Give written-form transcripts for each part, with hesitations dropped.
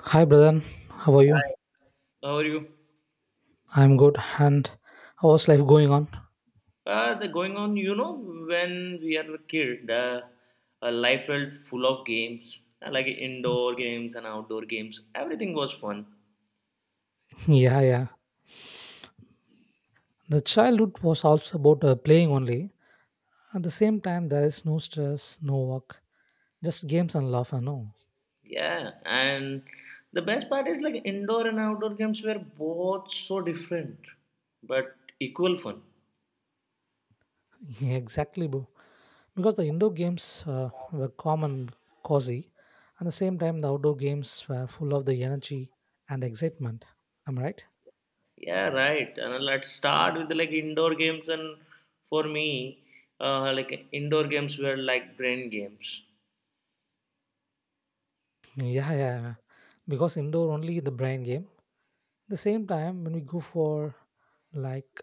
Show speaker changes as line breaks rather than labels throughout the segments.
Hi, brother. How are you?
How are you?
I'm good. And how's life going on?
The going on, when we are a kid, life felt full of games, like indoor games and outdoor games. Everything was fun.
Yeah, yeah. The childhood was also about playing only. At the same time, there is no stress, no work, just games and laughter. No,
Yeah, and the best part is like indoor and outdoor games were both so different, but equal fun.
yeah, exactly, bro. Because the indoor games were common, cozy. At the same time, the outdoor games were full of the energy and excitement. Am I right?
Yeah, right. And let's start with like indoor games. And for me, like indoor games were like brain games.
Yeah, yeah, yeah. Because indoor only the brain game. At the same time, when we go for like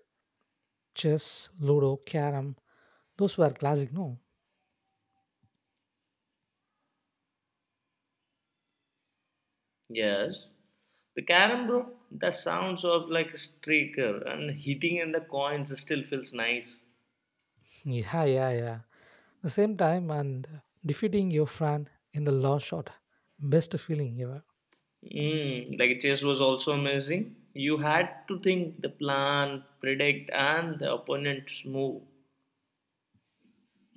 chess, ludo, carom. Those were classic, no?
Yes. The carom, bro, the sounds of like a streaker and hitting and the coins still feels nice.
Yeah, yeah, yeah. The same time and defeating your friend in the last shot. Best feeling ever.
Mm, like chess was also amazing. You had to think the plan, predict, and the opponent's move.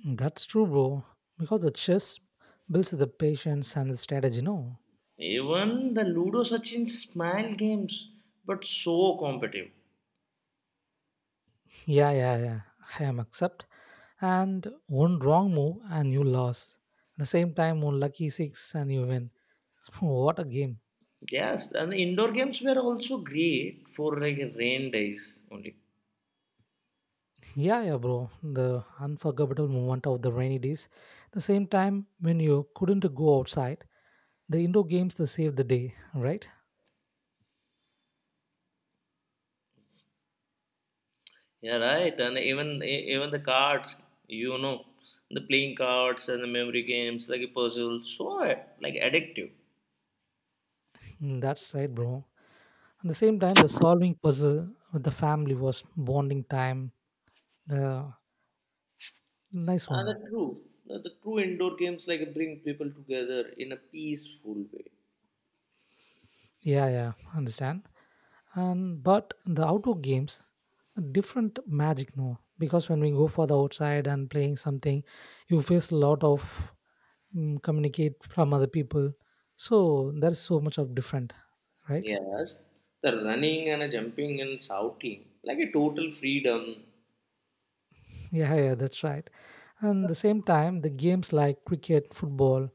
That's true, bro. Because the chess builds the patience and the strategy, no?
Even the Ludo Sachin smile games, but so competitive.
Yeah, yeah, yeah. I am accept. And one wrong move and you lost. At the same time, one lucky six and you win. What a game.
Yes, and the indoor games were also great for like rain days only.
Yeah, yeah, bro. The unforgettable moment of the rainy days. The same time when you couldn't go outside, the indoor games they saved the day, right?
Yeah, right. And even even the cards, you know, the playing cards and the memory games, like a puzzle, so like addictive.
Mm, that's right, bro. At the same time, the solving puzzle with the family was bonding time. The nice
And
one.
the true, the true indoor games like bring people together in a peaceful way.
Yeah, yeah, understand. And but the outdoor games, a different magic, no. Because when we go for the outside and playing something, you face a lot of communicate from other people, so there's so much of different, right.
Yes, the running and a jumping and shouting, like a total freedom.
Yeah, yeah, that's right, and the same time the games like cricket, football,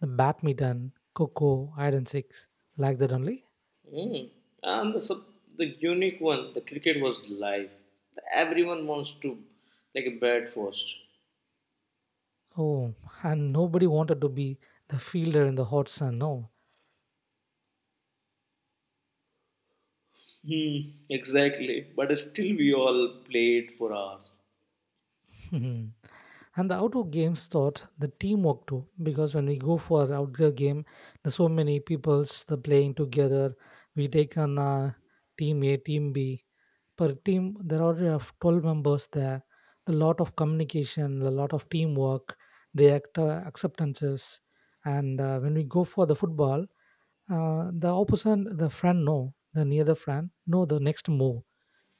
the badminton, coco, iron six, like that only.
Mm. And the unique one, the cricket was live. Everyone wants to like a bat first.
Oh, and nobody wanted to be the fielder in the hot sun, no.
Hmm, exactly. But still, we all played for hours.
And the outdoor games taught the teamwork too, because when we go for outdoor game there's so many people's the playing together. We take on team a, team b, per team there are 12 members there. A lot of communication, a lot of teamwork, the acceptances. And when we go for the football, the opposite the friend know, the near the friend know the next move,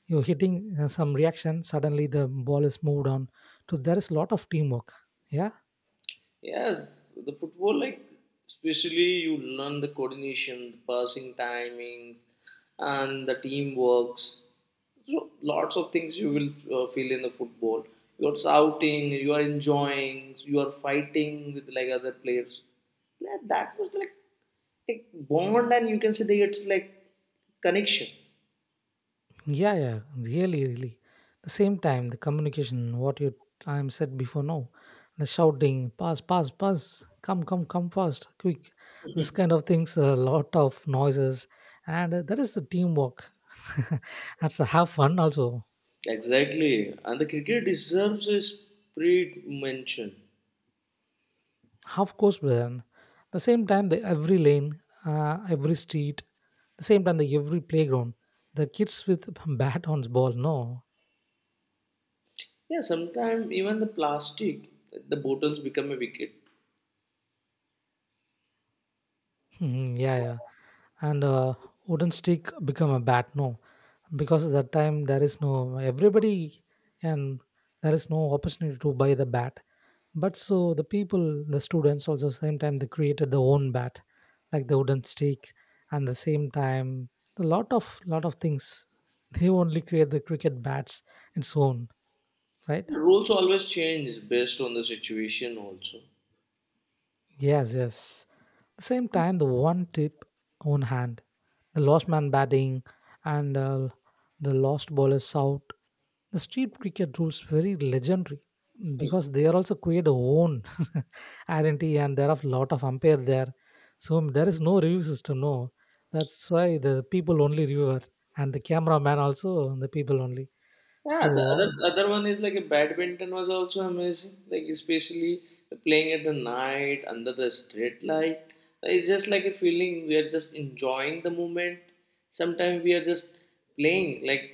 you're hitting some reaction, suddenly the ball is moved on. So there is a lot of teamwork, yeah.
Yes, the football, like, especially you learn the coordination, the passing timings, and the teamwork. So, lots of things you will feel in the football. You are shouting, you are enjoying, you are fighting with like other players. Yeah, that was like a bond, and you can say that it's like connection.
Yeah, yeah, really, really. The same time, the communication, what you time said before, no, the shouting, pass, pass, pass, come, come, come fast, quick. This kind of things, a lot of noises, and that is the teamwork. That's a have fun also.
Exactly, and the cricket deserves a separate mention.
Half course, then. The same time, the every lane, every street, the same time, the every playground, the kids with bat on ball, no.
Yeah, sometimes even the plastic, the bottles become a wicket.
Yeah, yeah. And wooden stick become a bat, no. Because at that time there is no everybody, and there is no opportunity to buy the bat, but so the people, the students also same time they created their own bat like the wooden stick. And the same time a lot of things they only create the cricket bats its own, right.
The rules always change based on the situation, also.
Yes, yes, the same time the one tip own hand, the lost man batting, and the lost ball is out. The street cricket rules very legendary, because they are also create a own identity and there are a lot of umpire there. So there is no review system, no. That's why the people only reviewer, and the cameraman also the people only.
Yeah,
So
the other one is like a badminton was also amazing. Like especially playing at the night under the street light. Like, it's just like a feeling we are just enjoying the moment. Sometimes we are just playing, like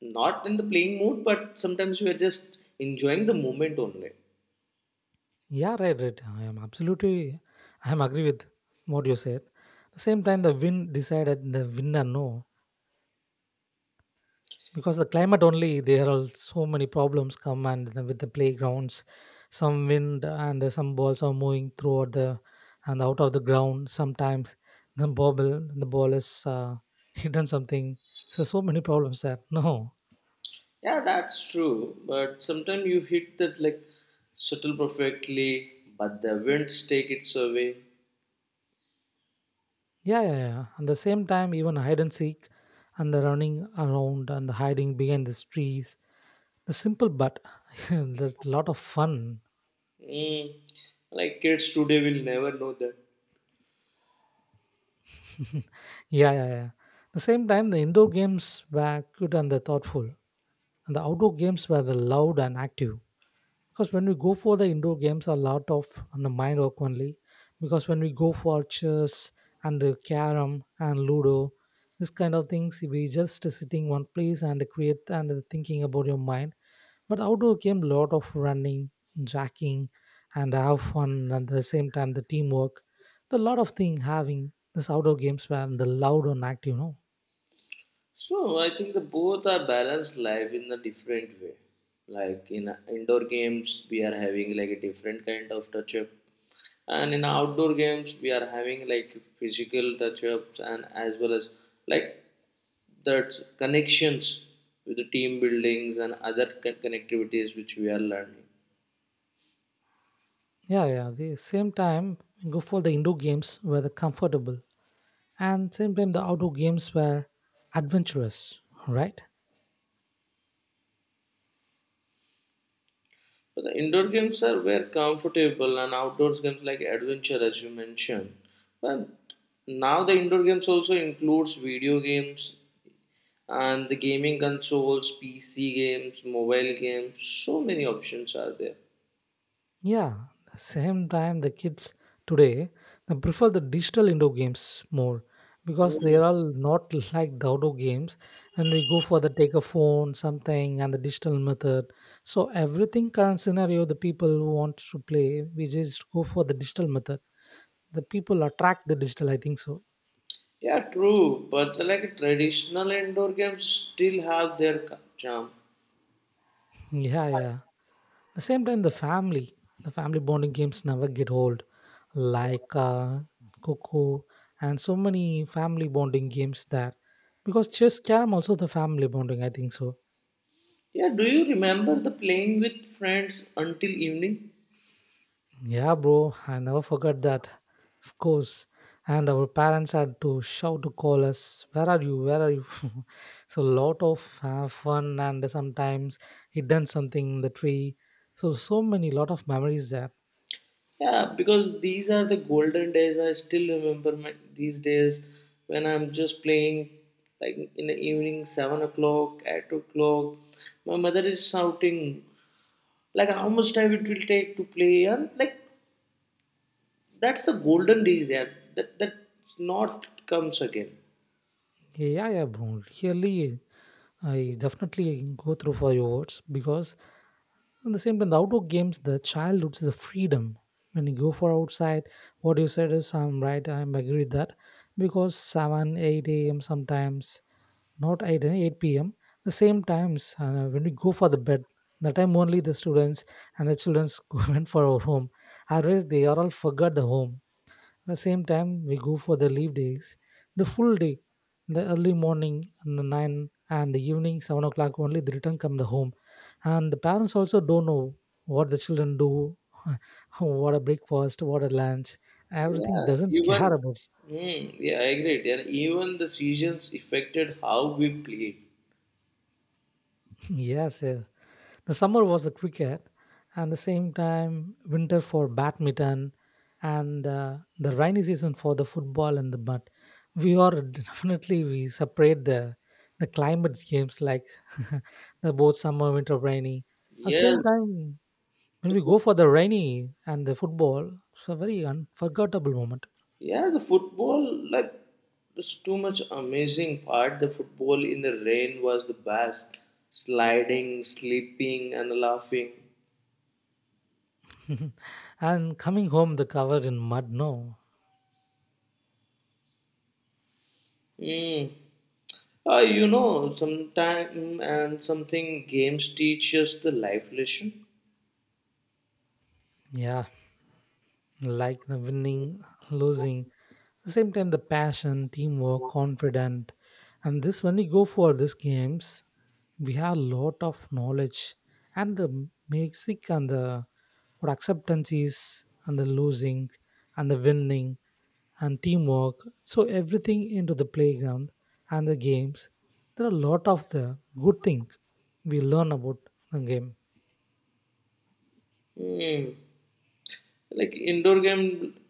not in the playing mood, but sometimes we are just enjoying the moment only.
yeah, right, right. I am absolutely I am agree with what you said. The same time the win decided the winner, no. Because the climate only there are so many problems come, and then with the playgrounds some wind and some balls are moving throughout the and out of the ground. Sometimes the bobble the ball is hidden something, so so many problems there, no.
Yeah, that's true. But sometimes you hit that like shuttle perfectly, but the winds take it away.
Yeah, yeah, yeah, and the same time even hide and seek and the running around and the hiding behind the trees, the simple but there's a lot of fun.
Mm, like kids today will never know that.
Yeah, yeah, yeah, the same time the indoor games were good and the thoughtful, and the outdoor games were the loud and active. Because when we go for the indoor games, a lot of on the mind work only, because when we go for chess and the carom and ludo, this kind of things we just sitting one place and create and thinking about your mind. But outdoor game, lot of running, jacking, and have fun, and at the same time the teamwork, the lot of thing having this outdoor games were the loud and active, you know.
So I think the both are balanced life in a different way. Like in indoor games, we are having like a different kind of touch up, and in outdoor games, we are having like physical touch ups and as well as like that connections with the team buildings and other connectivities which we are learning.
Yeah, yeah, the same time we go for the indoor games were the comfortable. And same time, the outdoor games were adventurous, right?
But the indoor games are were comfortable and outdoors games like adventure as you mentioned. But now the indoor games also includes video games and the gaming consoles, PC games, mobile games, so many options are there.
Yeah, same time, the kids today they prefer the digital indoor games more, because they
Mm.
are all not like the outdoor games. And we go for the take a phone, something, and the digital method. So everything current scenario, the people who want to play, we just go for the digital method. The people attract the digital. I think so.
Yeah, true. But like traditional indoor games still have their charm.
Yeah, yeah. The same time the family, the family bonding games never get old, like coco and so many family bonding games there, because chess, carom also the family bonding, I think so.
Yeah, do you remember the playing with friends until evening?
Yeah, bro, I never forgot that, of course. And our parents had to shout to call us, where are you, where are you. So lot of fun, and sometimes hidden something in the tree, so so many lot of memories there.
Yeah, because these are the golden days. I still remember my, these days when I'm just playing like in the evening, 7 o'clock, 8 o'clock. My mother is shouting, like how much time it will take to play, and like that's the golden days. Yeah, that not comes again.
Yeah, yeah, bro, really, I definitely go through for your words, because at the same time, the outdoor games, the childhood is the freedom. When you go for outside, what you said is I'm right. I'm agree with that, because seven, eight a.m. sometimes, not eight, eh, eight p.m. The same times when we go for the bed, the time only the students and the childrens go went for our home. Otherwise, they are all forgot the home. At the same time we go for the leave days, the full day, the early morning and the 9, and the evening 7 o'clock only the return come the home. And the parents also don't know what the children do. What a breakfast, what a lunch, everything
Yeah,
doesn't
even
care about.
yeah, I agree. Yeah, even the seasons affected how we played.
Yes, yes, the summer was the cricket, and the same time winter for badminton, and the rainy season for the football and the but we are definitely we separate the climate games like the both summer, winter, rainy. At the
Yeah,
same time, when we
the
go for the rainy and the football, it's a very unforgettable moment.
Yeah, the football, like, it's too much amazing part. The football in the rain was the best. Sliding, sleeping, and laughing.
And coming home, the covered in mud, no.
Mm. You know, sometime and something games teach us the life lesson.
Yeah, like the winning, losing. At the same time the passion, teamwork, confident, and this when we go for these games we have a lot of knowledge and the music and the what acceptance is, and the losing and the winning and teamwork. So everything into the playground and the games, there are a lot of the good thing we learn about the game.
Mm. Like indoor game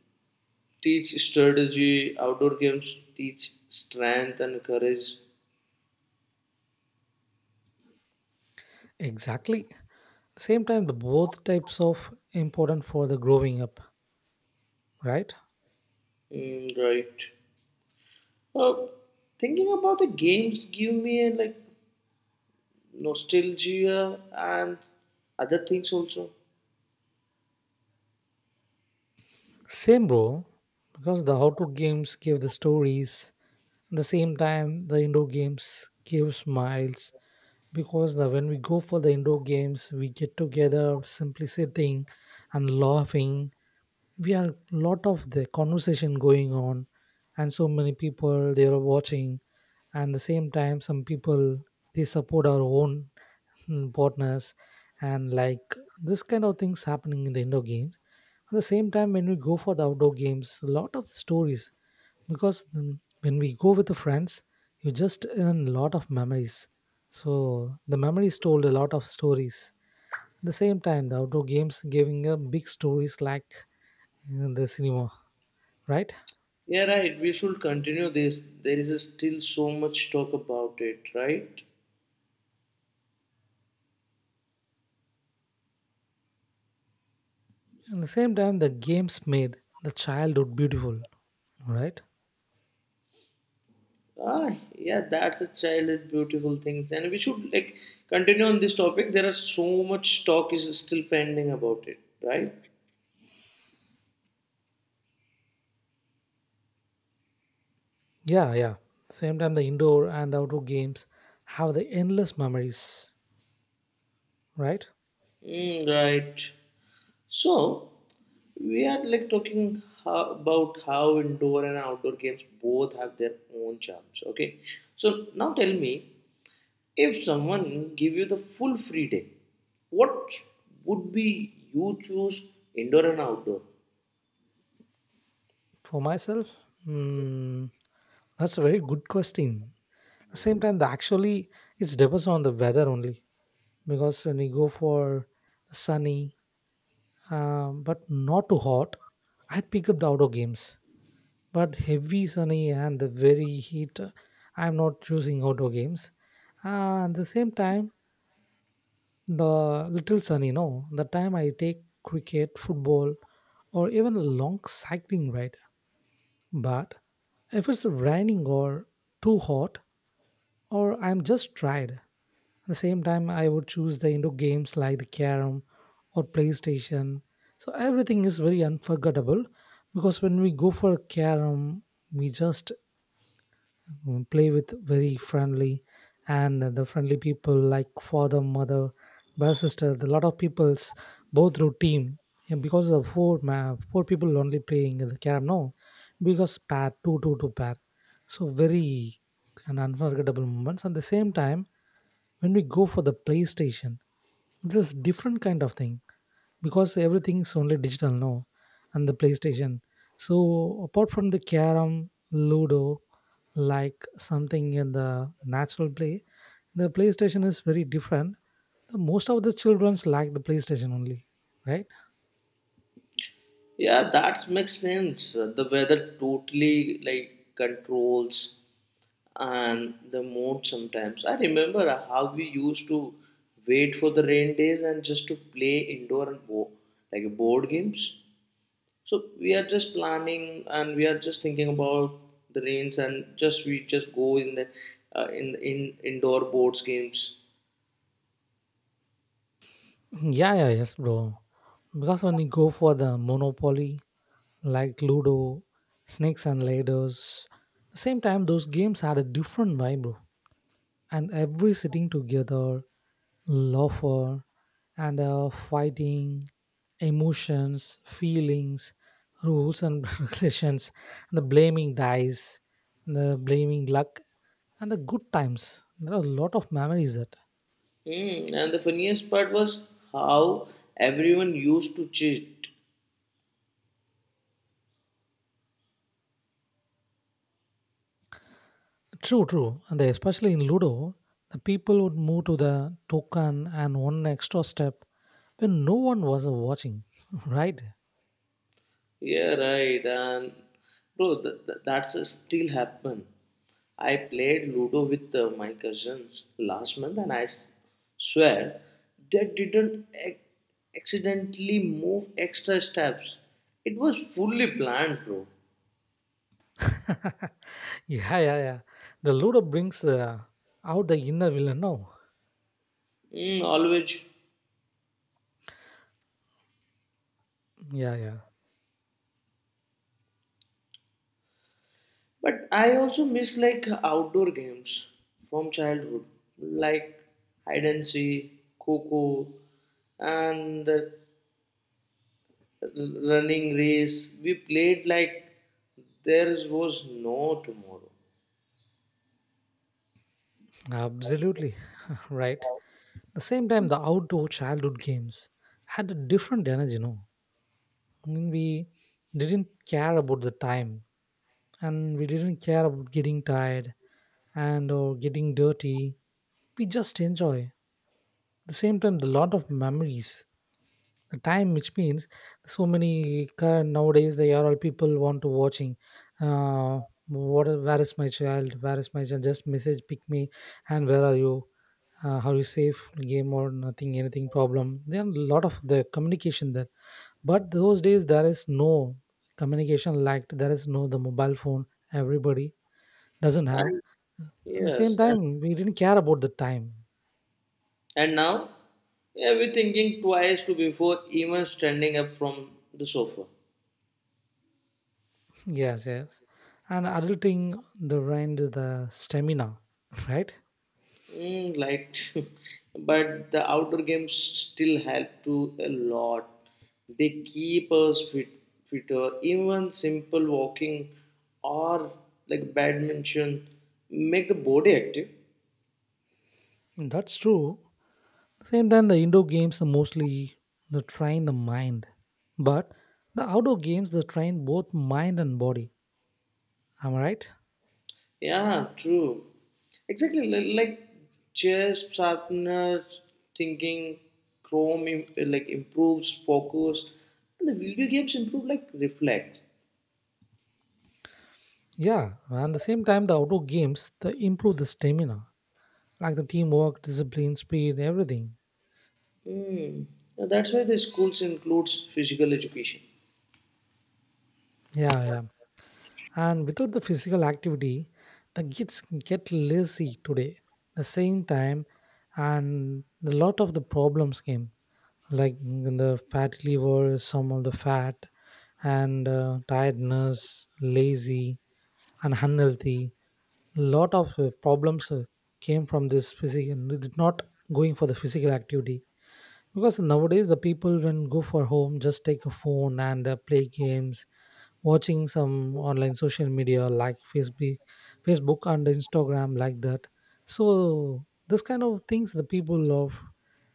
teach strategy, outdoor games teach strength and courage.
Exactly, same time the both types of important for the growing up, right.
Mm, right. Uh, Thinking about the games give me a like nostalgia and other things also.
Same, bro. Because the outdoor games give the stories. At the same time, the indoor games give smiles. Because the, when we go for the indoor games, we get together, simply sitting and laughing. We are lot of the conversation going on, and so many people they are watching. And the same time, some people they support our own partners, and like this kind of things happening in the indoor games. At the same time, when we go for the outdoor games, a lot of stories, because when we go with the friends, you just earn a lot of memories. So the memories told a lot of stories. At the same time, the outdoor games giving a big stories like in the cinema, right?
Yeah, right. We should continue this. There is still so much talk about it, right?
At the same time, the games made the childhood beautiful, right?
Ah, yeah, that's a childhood beautiful things, and we should like continue on this topic. There are so much talk is still pending about it, right?
Yeah, yeah. Same time, the indoor and outdoor games have the endless memories, right?
Mm, right. So we are like talking how, about how indoor and outdoor games both have their own charms. Okay. So now tell me, if someone give you the full free day, what would be you choose indoor and outdoor?
For myself, mm, that's a very good question. The same time, the actually it depends on the weather only, because when you go for sunny but not too hot, I'd pick up the outdoor games. But heavy sunny and the very heat, I'm not choosing outdoor games. And the same time, the little sunny, no, the time I take cricket, football, or even a long cycling ride. But if it's raining or too hot, or I'm just tired, at the same time, I would choose the indoor games like the carom or PlayStation. So everything is very unforgettable because when we go for a carom, we just play with very friendly and the friendly people like father, mother, brother, sister. The lot of people's both through team, yeah, because of four people only playing the carom, no? Because pair, two, two, two pair, so very and unforgettable moments. At the same time, when we go for the PlayStation, this is different kind of thing because everything's only digital now. And the PlayStation, so apart from the carom, ludo, like something in the natural play, the PlayStation is very different. The most of the childrens like the PlayStation only, right?
Yeah, that makes sense. The weather totally like controls and the mood sometimes. I remember how we used to wait for the rain days and just to play indoor and like board games. So we are just planning and we are just thinking about the rains and just we just go in the in indoor boards games.
Hmm, yeah, yeah, yes bro, because when you go for the monopoly, like ludo, snakes and ladders, the same time those games had a different vibe bro. And every sitting together, laughter, and fighting, emotions, feelings, rules, and relations, and the blaming dice, and the blaming luck, and the good times. There are a lot of memories that.
Hmm, and the funniest part was how everyone used to cheat.
True, true. Especially in Ludo, the people would move to the token and one extra step when no one was watching, right?
Yeah, right. And bro, that's a still happen. I played Ludo with my cousins last month, and I swear they didn't accidentally move extra steps. It was fully planned, bro.
Yeah, yeah, yeah. The Ludo brings out the inner villain, no?
Mm, always.
Yeah, yeah.
But I also miss like outdoor games from childhood, like hide and seek, coco, and the running race. We played like there was no tomorrow.
Absolutely right. The same time, the outdoor childhood games had a different energy. No, I mean, we didn't care about the time, and we didn't care about getting tired and or getting dirty. We just enjoy. The same time, the lot of memories. The time, which means so many current nowadays, they are all people want to watching. Uh, what? Where is my child? Where is my child? Just message, pick me, and where are you? Uh, how you safe game or nothing anything problem, there are a lot of the communication there. But those days there is no communication lacked, there is no the mobile phone, everybody doesn't have.
And
At the same
yes, and,
time, we didn't care about the time.
now, yeah, we're thinking twice to before even standing up from the sofa.
Yes, yes. And adulting, the brain is the stamina. Right.
Mm, like, but the outdoor games still help to a lot. They keep us fit, fitter. Even simple walking or like badminton make the body active.
That's true. Same time, the indoor games are mostly the train the mind, but the outdoor games they train both mind and body, am I right?
Yeah, true. Exactly. Like chess sharpeners, thinking, Chrome like improves focus, and the video games improve like reflex.
Yeah, and the same time, the outdoor games they improve the stamina, like the teamwork, discipline, speed, everything.
Mm. Now that's why the schools includes physical education.
Yeah, yeah. And without the physical activity, the kids get lazy today. The same time, and a lot of the problems came, like in the fat liver, some of the fat, and tiredness, lazy, and unhealthy. Lot of problems came from this physical, not going for the physical activity. Because nowadays the people when go for home just take a phone and play games, watching some online social media like Facebook, Facebook and Instagram like that. So this kind of things the people of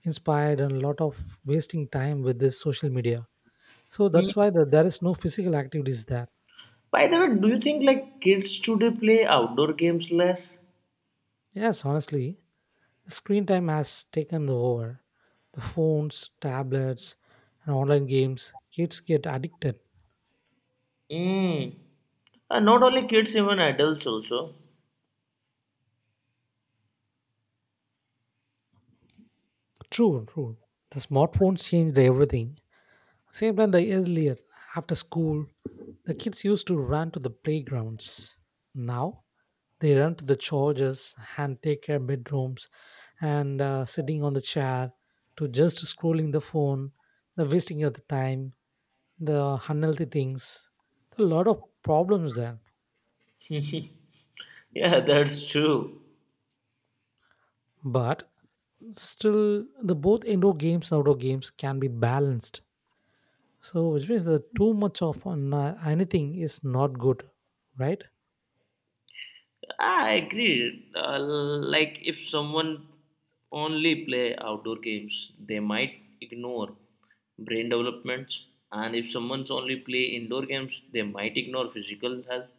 inspired and a lot of wasting time with this social media. So
Mm.
that's why the, there is no physical activities there.
By the way, do you think like kids today play outdoor games less?
Yes, honestly, the screen time has taken the over. The phones, tablets, and online games, kids get addicted.
Mm. Not only kids, even adults also.
True, true. The smartphones changed everything. Same time, the earlier, after school, the kids used to run to the playgrounds. Now, they run to the chargers and take care bedrooms and sitting on the chair to just scrolling the phone, the wasting of the time, the unhealthy things. A lot of problems there.
yeah, that's true.
But still, the both indoor games and outdoor games can be balanced. So, which means that too much of anything is not good, right?
I agree. Like if someone only play outdoor games, they might ignore brain developments, and if someone's only play indoor games, they might ignore physical health.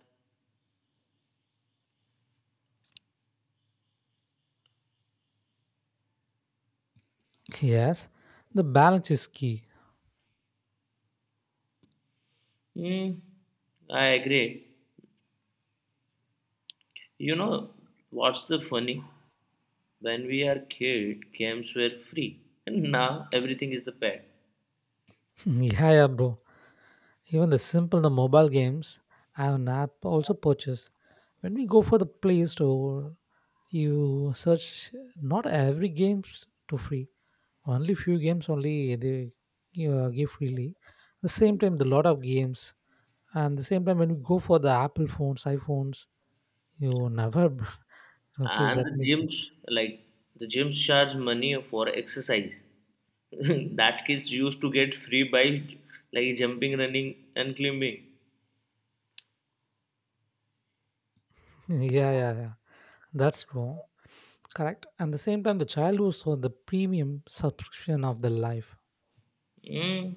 Yes, the balance is key.
Hmm. I agree. You know what's the funny? When we are kid camps were free and now everything is the paid.
Yeah, yeah, bro. Even the simple the mobile games, I have an app also purchased. When we go for the Play Store, you search not every games to free. Only few games only they give freely. The same time, the lot of games, and the same time when we go for the Apple phones, iPhones, you never face
And
that.
the gyms, like, the gyms charge money for exercise that kids used to get free by like jumping, running, and climbing.
Yeah, yeah, yeah. That's true. Correct. And the same time, the child who saw the premium subscription of the life.
Mm,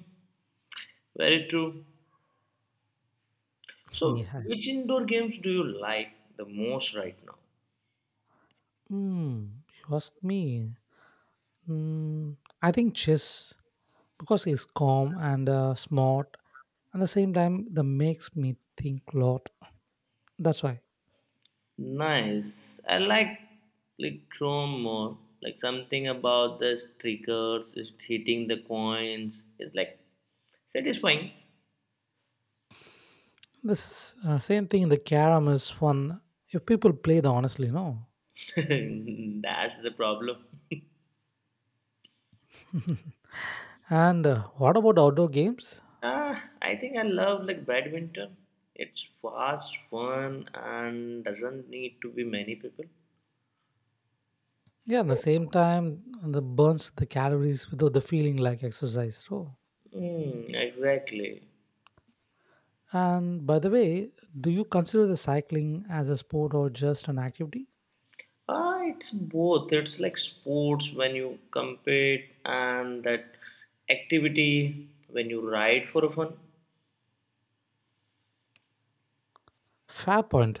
very true. So
Yeah.
which indoor games do you like the most right now?
Hmm. You ask me. Hmm. I think chess because he's calm and smart. At the same time, that makes me think a lot. That's why
Nice, I like chrome more, like something about the streakers is hitting the coins, it's like satisfying.
this same thing. The carom is fun if people play the honestly. No.
That's the problem.
And what about outdoor games?
Ah, I think I love like badminton. It's fast, fun, and doesn't need to be many people.
Yeah, at the same time, the burns the calories without the feeling like exercise. So,
Mm, exactly.
and by the way, do you consider the cycling as a sport or just an activity?
Ah, it's both. It's like sports when you compete and that activity when you ride for fun.
Fair point.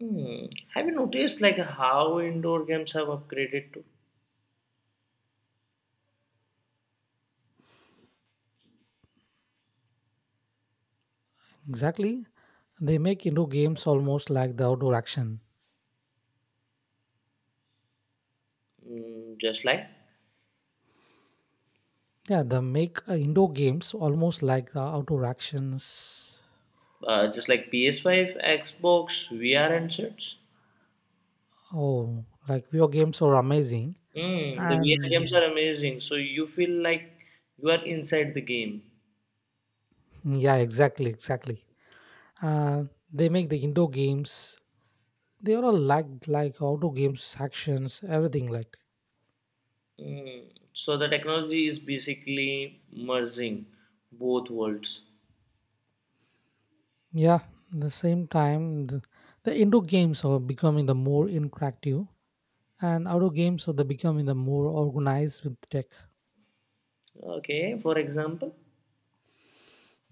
Hmm. Have you noticed like how indoor games have upgraded to?
Exactly. They make indoor games almost like the outdoor action.
Mm,
Yeah, they make indoor games almost like the outdoor actions.
just like PS5, Xbox, VR, and such.
Oh, like video games are amazing.
Mm, the VR
And
games are amazing. So you feel like you are inside the game.
Yeah, exactly, exactly. Uh, they make the indoor games they all lacked like auto games actions everything like
Mm. So the technology is basically merging both worlds.
yeah the same time the indoor games are becoming the more interactive and outdoor games are the becoming the more organized with tech.
Okay, for example.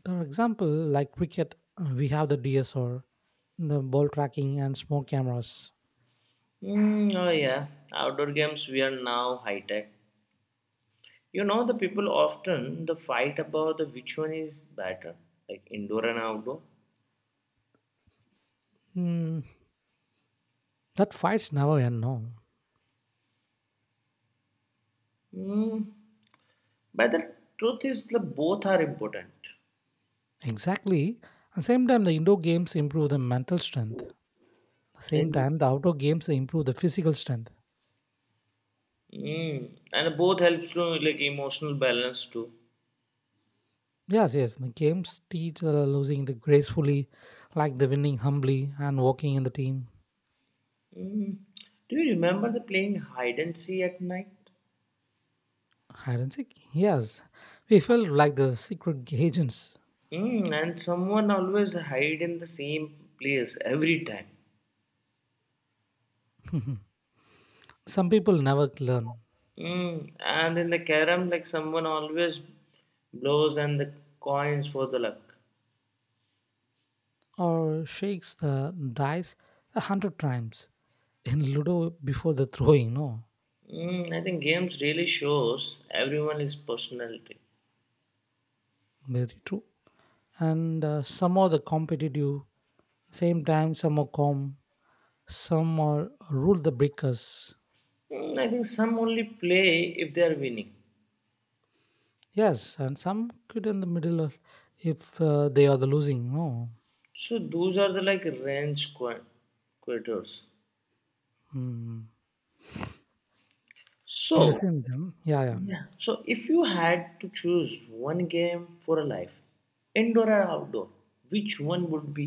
For example, like cricket, we have the DSR, the ball tracking and small cameras.
Mm, oh yeah, outdoor games we are now high tech. You know the people often the fight about the which one is better, like indoor and outdoor.
Hmm, that fights never end, no?
Mm, but the truth is the both are important.
Exactly, at the same time the indoor games improve the mental strength at the
Right?
same time the outdoor games improve the physical strength.
Mm, and both helps to like emotional balance too.
Yes, yes. The games teach losing the gracefully, like the winning humbly and walking in the team.
Mm. Do you remember the playing hide and seek at night?
I don't think. Yes, we felt like the secret agents.
Mm. And someone always hide in the same place every time.
Some people never learn.
Mm. And in the carom, like someone always blows and the coins for the luck.
Or shakes the dice 100 times in Ludo before the throwing. No,
Mm. I think games really shows everyone his personality.
very true. And some are the competitive, same time some are calm, some are rule the breakers.
Mm. I think some only play if they are winning.
Yes, and some quit in the middle of, if they are the losing. No,
So those are the like range quitters.
mm.
So
In the same gym. Yeah, yeah.
yeah. So if you had to choose one game for a life, indoor or outdoor, which one would be?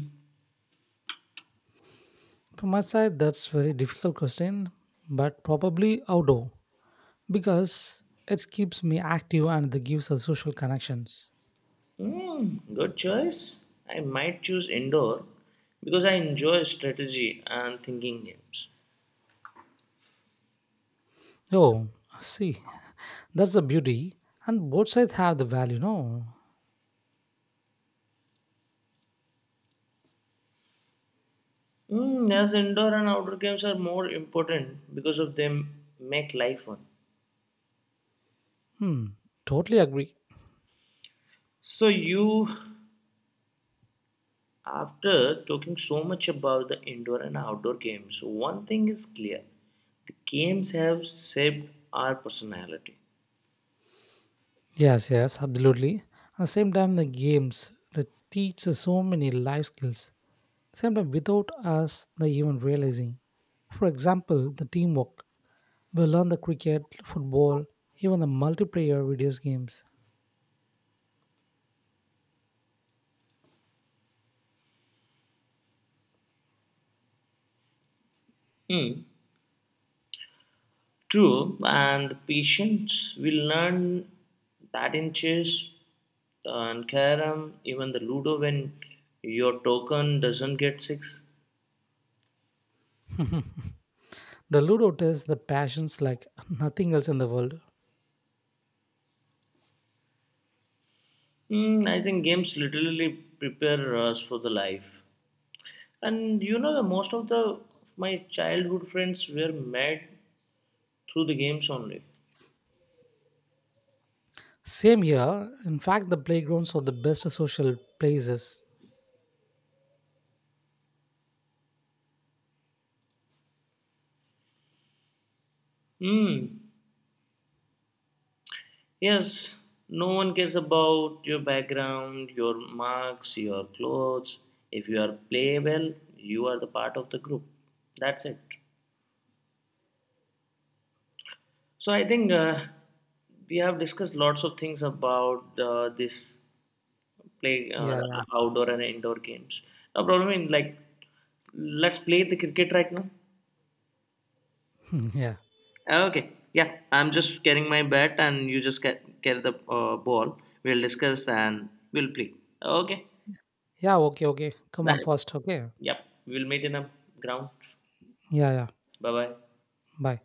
From my side, that's very difficult question, but probably outdoor because it keeps me active and it gives us social connections.
Hmm, good choice. I might choose indoor because I enjoy strategy and thinking games.
Oh, see, that's the beauty, and both sides have the value. No,
Hmm, yes, indoor and outdoor games are more important because of them make life fun.
hmm, totally agree.
So you, after talking so much about the indoor and outdoor games, one thing is clear: the games have shaped our personality.
Yes, yes, absolutely. At the same time, the games that teach us so many life skills sometimes without us the even realizing. For example, the teamwork. We learn the cricket, football, even the multiplayer video games.
Hmm. True, and the patients will learn that in chess and carom, even the ludo, when your token doesn't get six.
The Ludo tests the passions like nothing else in the world.
Mm, I think games literally prepare us for the life. And you know, the most of the my childhood friends were made through the games only.
Same here. In fact, the playgrounds are the best social places.
Hmm. Yes, no one cares about your background, your marks, your clothes. If you are play well, you are the part of the group. That's it. So I think we have discussed lots of things about this play
Yeah, yeah,
outdoor and indoor games. No problem in like let's play the cricket right now.
yeah,
Okay. Yeah, I'm just carrying my bat and you just carry the ball. We'll discuss and we'll play. Okay.
yeah. Okay, okay. Come on,
Bye.
first. Okay.
Yep, we'll meet in the ground.
Yeah, yeah.
Bye bye.
Bye.